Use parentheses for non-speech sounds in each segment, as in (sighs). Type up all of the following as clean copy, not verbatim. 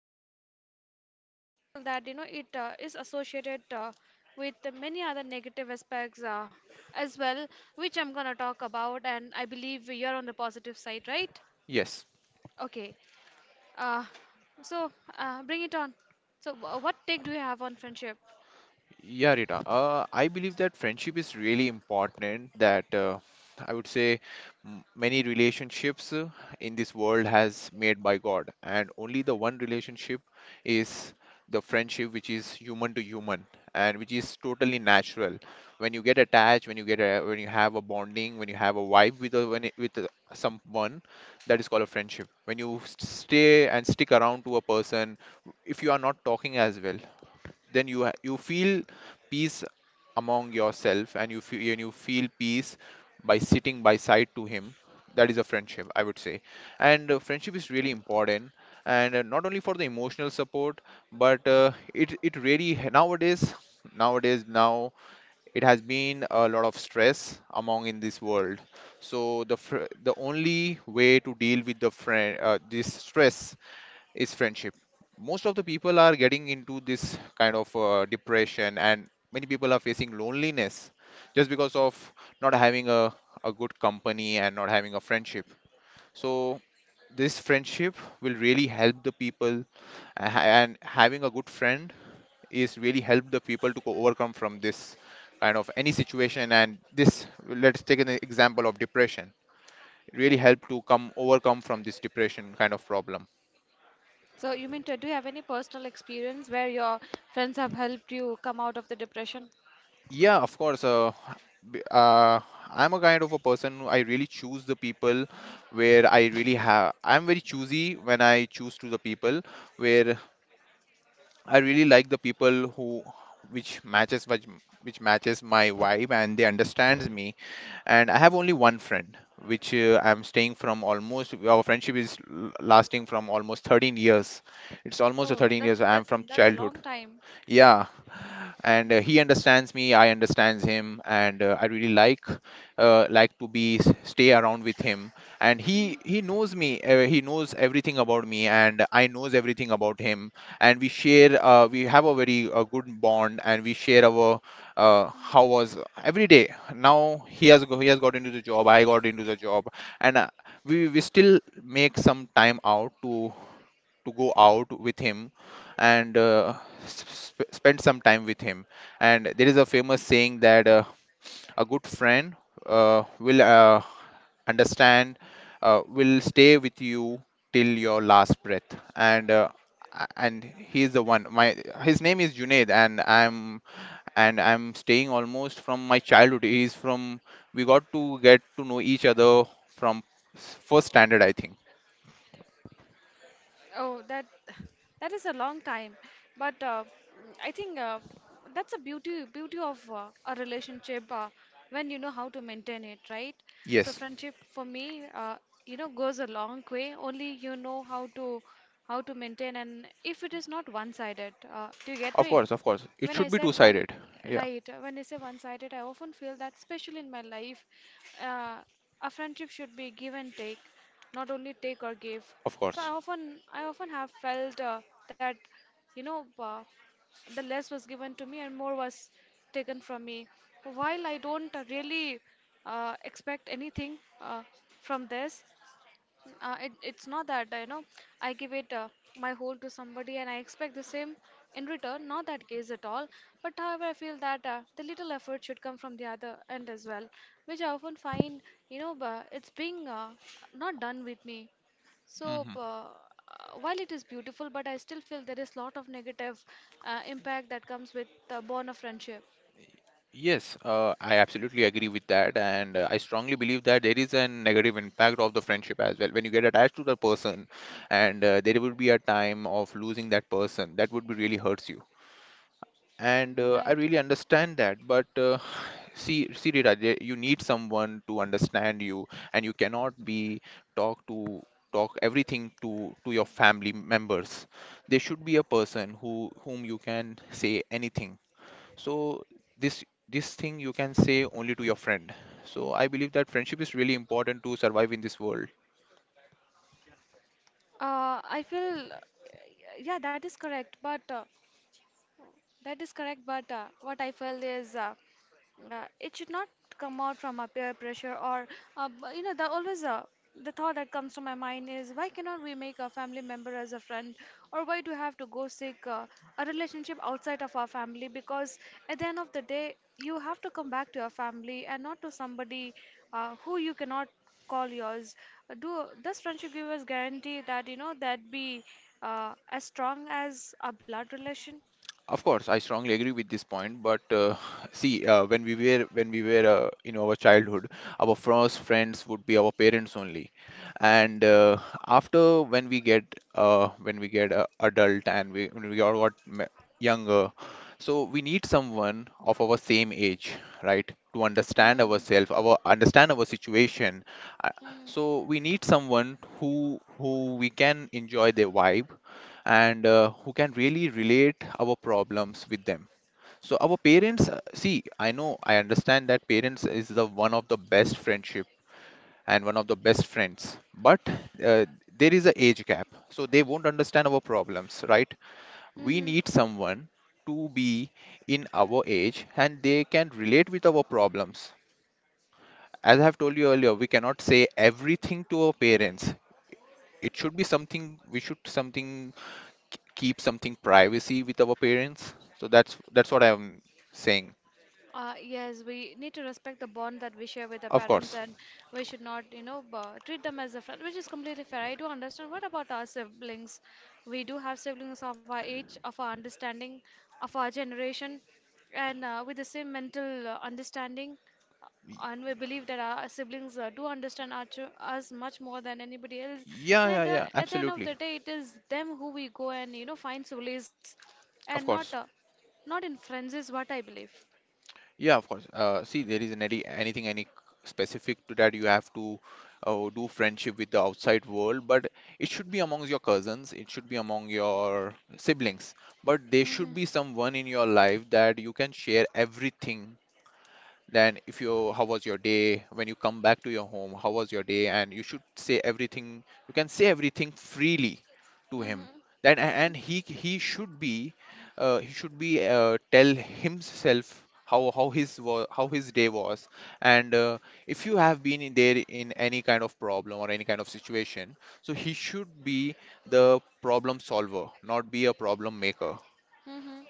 well-being, but I also feel that, it is associated with the many other negative aspects as well, which I'm gonna talk about, and I believe you're on the positive side, right? yes. Okay, uh, so, bring it on. So, what take do you have on friendship? Yeah, Rita. I believe that friendship is really important. That I would say many relationships in this world has made by God, and only the one relationship is the friendship which is human to human and which is totally natural. When you get attached, when you have a bonding, when you have a vibe with a, when it, with a, someone, that is called a friendship. When you stay and stick around to a person, if you are not talking as well then you you feel peace among yourself and you feel peace by sitting by side to him, that is a friendship, I would say. And Friendship is really important, and not only for the emotional support but it really now it has been a lot of stress among in this world. So the the only way to deal with the friend this stress is friendship. Most of the people are getting into this kind of depression, and many people are facing loneliness just because of not having a good company and not having a friendship. So, this friendship will really help the people, and having a good friend is really help the people to go overcome from this kind of any situation. And this, let's take an example of depression, really help to come overcome from this depression kind of problem. So, do you have any personal experience where your friends have helped you come out of the depression? Yeah, of course. B- uh, I'm a kind of a person who I really choose the people where I really have. I'm very choosy when I choose to the people where I really like the people who which matches which, which matches my vibe and they understands me. And I have only one friend which I'm staying from almost our friendship is lasting from almost 13 years. It's almost a Oh, 13 that years. I'm that's from that's a long childhood. time. Yeah, and he understands me, I understands him, and I really like to be stay around with him. And he knows me, he knows everything about me and I knows everything about him. And we have a very good bond, and we share our, how was every day. Now he has got into the job, I got into the job, and we still make some time out to go out with him and spend some time with him. And there is a famous saying that a good friend will understand, will stay with you till your last breath. And and he is the one. My His name is Junaid, and I'm staying almost from my childhood. He's from We got to get to know each other from first standard, I think. Oh, that is a long time, but I think that's a beauty of a relationship when you know how to maintain it, right? So Yes, friendship for me, goes a long way. Only you know how to maintain, and if it is not one-sided, do you get of me? course, of course. It When I should be said one, two-sided. Yeah. right, when I say one sided, I often feel that, especially in my life, uh, a friendship should be give and take, not only take or give. Of So course. I often have felt that, you know, uh, the less was given to me and more was taken from me. While I don't really expect anything from this, it, it's not that, I give it my whole to somebody and I expect the same in return, not that case at all. But however, I feel that the little effort should come from the other end as well, which I often find, it's being not done with me. So, Hmm. While it is beautiful, but I still feel there is lot of negative impact that comes with the bond of friendship. Yes, I absolutely agree with that, and I strongly believe that there is a negative impact of the friendship as well. When you get attached to the person, and there would be a time of losing that person, that would be really hurts you. And Mm, I right. really understand that, but see, Rita, there- you need someone to understand you, and you cannot be talk to talk everything to your family members. There should be a person who whom you can say anything, so this this thing you can say only to your friend. So I believe that friendship is really important to survive in this world. I feel, yeah, that is correct. But That is correct, but what I felt is it should not come out from a peer pressure or uh, b- you know the always uh, the thought that comes to my mind is why cannot we make a family member as a friend or why do we have to go seek a relationship outside of our family because at the end of the day you have to come back to your family and not to somebody who you cannot call yours. Do Does friendship give us guarantee that you know that be as strong as a blood relation? Of course, I strongly agree with this point. But (sighs) see, when we were in our childhood, our first friends would be our parents only, and after when we get adult and we when we all got younger, so we need someone of our same age, right, to understand ourselves, our understand our situation. Uh, hmm So we need someone who we can enjoy their vibe and who can really relate our problems with them. So our parents, see, I know I understand that parents is the one of the best friendship and one of the best friends, but uh, there is a age gap, so they won't understand our problems, right? Hmm We hmm need someone to be in our age and they can relate with our problems. As I have told you earlier, we cannot say everything to our parents. It should be something, we should something, keep something privacy with our parents. That's what I'm saying. Yes, we need to respect the bond that we share with the Of parents, course. and we should not, treat them as a friend, which is completely fair. I do understand. What about our siblings? We do have siblings of our age, of our understanding, of our generation, and with the same mental understanding. uh, And we believe that our siblings do understand our ch us much more than anybody else. Yeah, And yeah, yeah. at the end of Absolutely. the day, it is them who we go and you know find solace, and Of course. not in friends is what I believe. Yeah, of course. See, there isn't anything any specific to that. You have to do friendship with the outside world, but it should be amongst your cousins. It should be among your siblings. But there Mhm, should be someone in your life that you can share everything. Then if you how was your day when you come back to your home, how was your day? And you should say everything. You can say everything freely to him. mhm, Then a- and mhm, he should be tell himself how how his day was. And if you have been in there in any kind of problem or any kind of situation, so he should be the problem solver, not be a problem maker. mhm,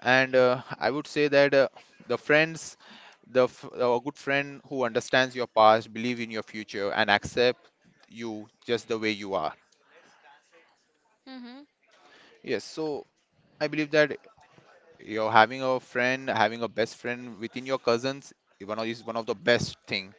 And I would say that the friends, a good friend who understands your past, believe in your future and accept you just the way you are. mhm. Yes, so I believe that you're having a friend, having a best friend within your cousins, one of is one of the best thing.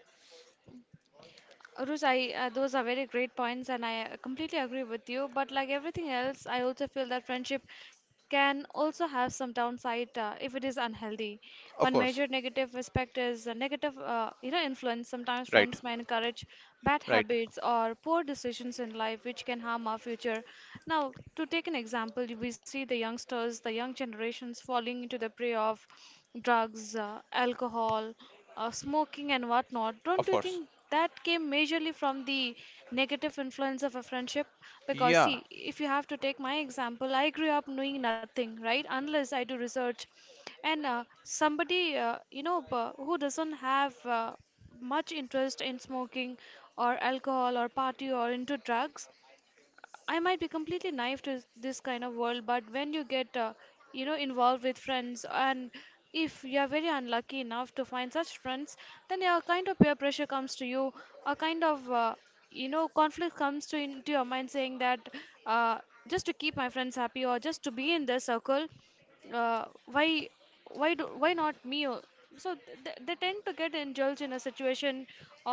Aruz, I those are very great points, and I completely agree with you. But like everything else, I also feel that friendship can also have some downside if it is unhealthy. One Of major course. negative aspect is a negative, influence. Sometimes Right, friends may encourage bad right. habits or poor decisions in life, which can harm our future. Now, to take an example, we see the youngsters, the young generations falling into the prey of drugs, alcohol, smoking, and whatnot. Don't Of you course. think that came majorly from the negative influence of a friendship? Because, Yeah, see, if you have to take my example, I grew up knowing nothing, right? Unless I do research. And somebody, who doesn't have much interest in smoking or alcohol or party or into drugs, I might be completely naive to this kind of world, but when you get, involved with friends, and if you are very unlucky enough to find such friends, then yeah, a kind of peer pressure comes to you, a kind of, conflict comes to into your mind, saying that uh, just to keep my friends happy or just to be in their circle, uh, why, why not me? So they tend to get indulged in a situation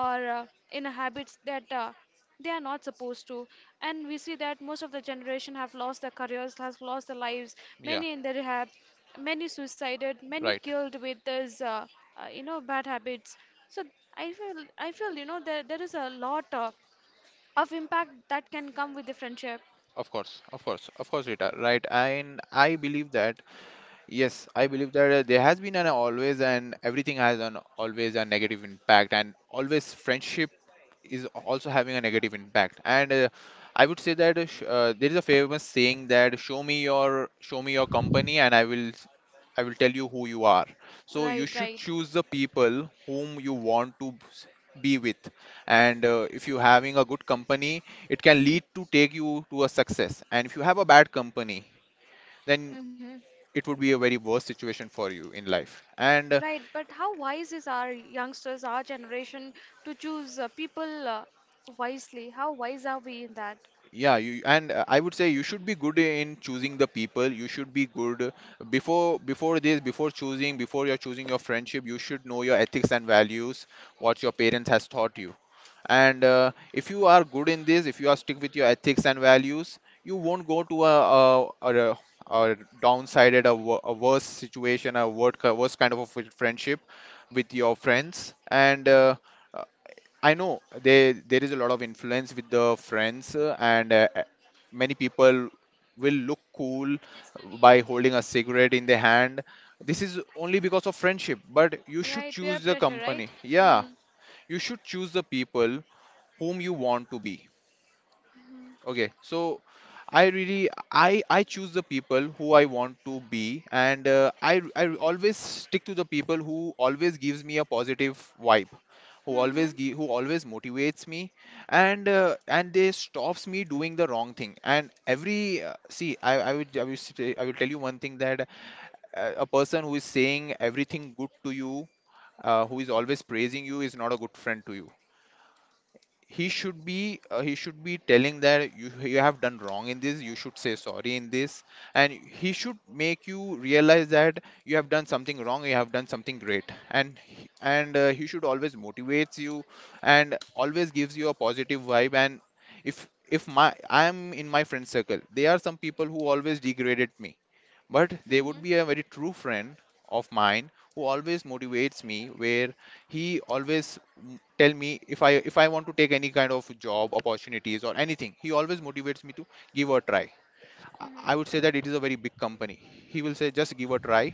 or in a habits that. They are not supposed to, and we see that most of the generation have lost their careers, has lost their lives, yeah. many in the rehab, many suicided, many Right. killed with these bad habits. So I feel, I feel, there is a lot of impact that can come with the friendship. Of course, of course, of course, Rita, right, and I believe that, yes I believe that there has been an always, and everything has an always a negative impact, and always friendship is also having a negative impact. And I would say that there is a famous saying that show me your company and I will tell you who you are. So you Right, should right. choose the people whom you want to be with. And if you are having a good company, it can lead to take you to a success. And if you have a bad company, then Hmm. it would be a very worse situation for you in life. And Right, but how wise is our youngsters, our generation, to choose people wisely? How wise are we in that? yeah, you and I would say you should be good in choosing the people. You should be good, before you're choosing your friendship, you should know your ethics and values, what your parents has taught you. And if you are good in this, if you are stick with your ethics and values, you won't go to a downsided, a a worse situation, a worse kind of a friendship with your friends. And I know there is a lot of influence with the friends, and many people will look cool by holding a cigarette in their hand. This is only because of friendship, but you should Right, peer choose the pressure, right. company. Yeah, Mm. you should choose the people whom you want to be. Okay, so I really I choose the people who I want to be, and I always stick to the people who always gives me a positive vibe, Mm-hmm. Who always motivates me, and they stops me doing the wrong thing. And every see, I would I will tell you one thing that a person who is saying everything good to you, who is always praising you, is not a good friend to you. He should be he should be telling that you have done wrong in this, you should say sorry in this. And he should make you realize that you have done something wrong, you have done something great. And he- and He should always motivates you and always gives you a positive vibe. And if my, I am in my friend circle, there are some people who always degraded me, but there Mhm. would be a very true friend of mine who always motivates me, where he always, mm, tell me if I want to take any kind of job opportunities or anything, he always motivates me to give a try. I would Mhm. say that it is a very big company. He will say just give a try.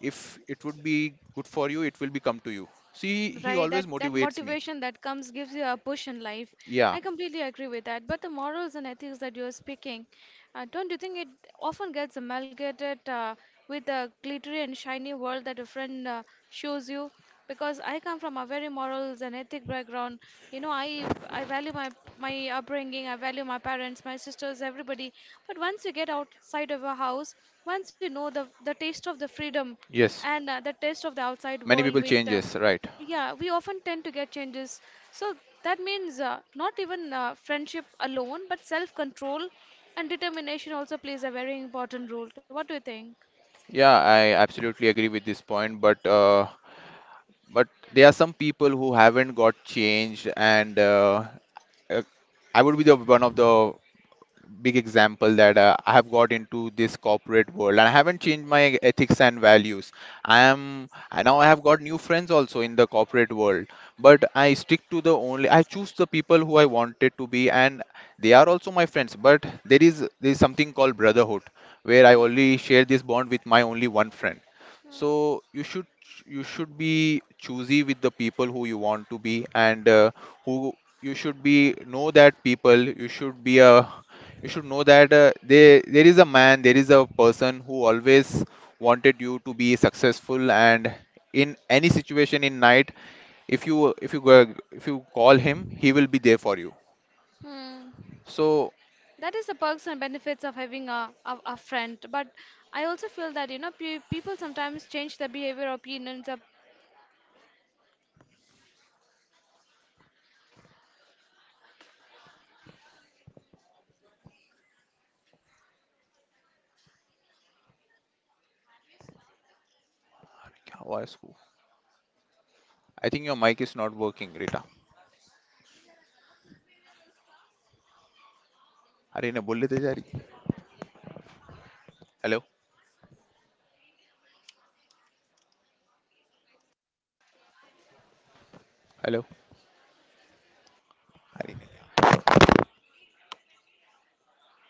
If it would be good for you, it will become to you. See, he Right, that always that motivates me. motivation that comes gives you a push in life. Yeah. I completely agree with that, but the morals and ethics that you're speaking, don't you think it often gets amalgamated with the glittery and shiny world that a friend shows you? Because I come from a very morals and ethic background, you know, I value my my upbringing, I value my parents, my sisters, everybody. But once you get outside of a house, once you know the taste of the freedom Yes. and the taste of the outside Many world people with changes, right? yeah, we often tend to get changes. So that means not even friendship alone, but self control and determination also plays a very important role. What do you think? Yeah, I absolutely agree with this point, but but there are some people who haven't got changed. And uh, I would be the one of the big example that I have got into this corporate world and I haven't changed my ethics and values. I now, I have got new friends also in the corporate world, but I stick to the only, I choose the people who I wanted to be, and they are also my friends. But there is, there is something called brotherhood where I Hmm. only share this bond with my only one friend. Hmm. So you should, you should be choosy with the people who you want to be. And who, you should be know that people, you should be a, you should know that there is a man, there is a person who always wanted you to be successful. And in any situation, in night, if you if you go if you call him, he will be there for you. Hmm. So That is the perks and benefits of having a friend, but I also feel that, you know, pe- people sometimes change their behavior, opinions or personality to please other friends, which can lead to losing their true identity. I may not be the one that I used to be, and I now you see that I'm completely changed. What for? Just because a few people that comes to our life. क्या आवाज को- So it takes away my I think your mic individuality, is not I feel, working, Rita. because of having, you know, bad company or bad friends. There is a saying that if you अरे ने keep बोल one लेते जा rotten रही. apple in a basket of healthy apple, it Hello. tends to rot, it tends to rot on the other as well. So this holds very true. Personally, I feel because Hello. uh, if you have just one bad person in अरे your company, then I feel the whole, the whole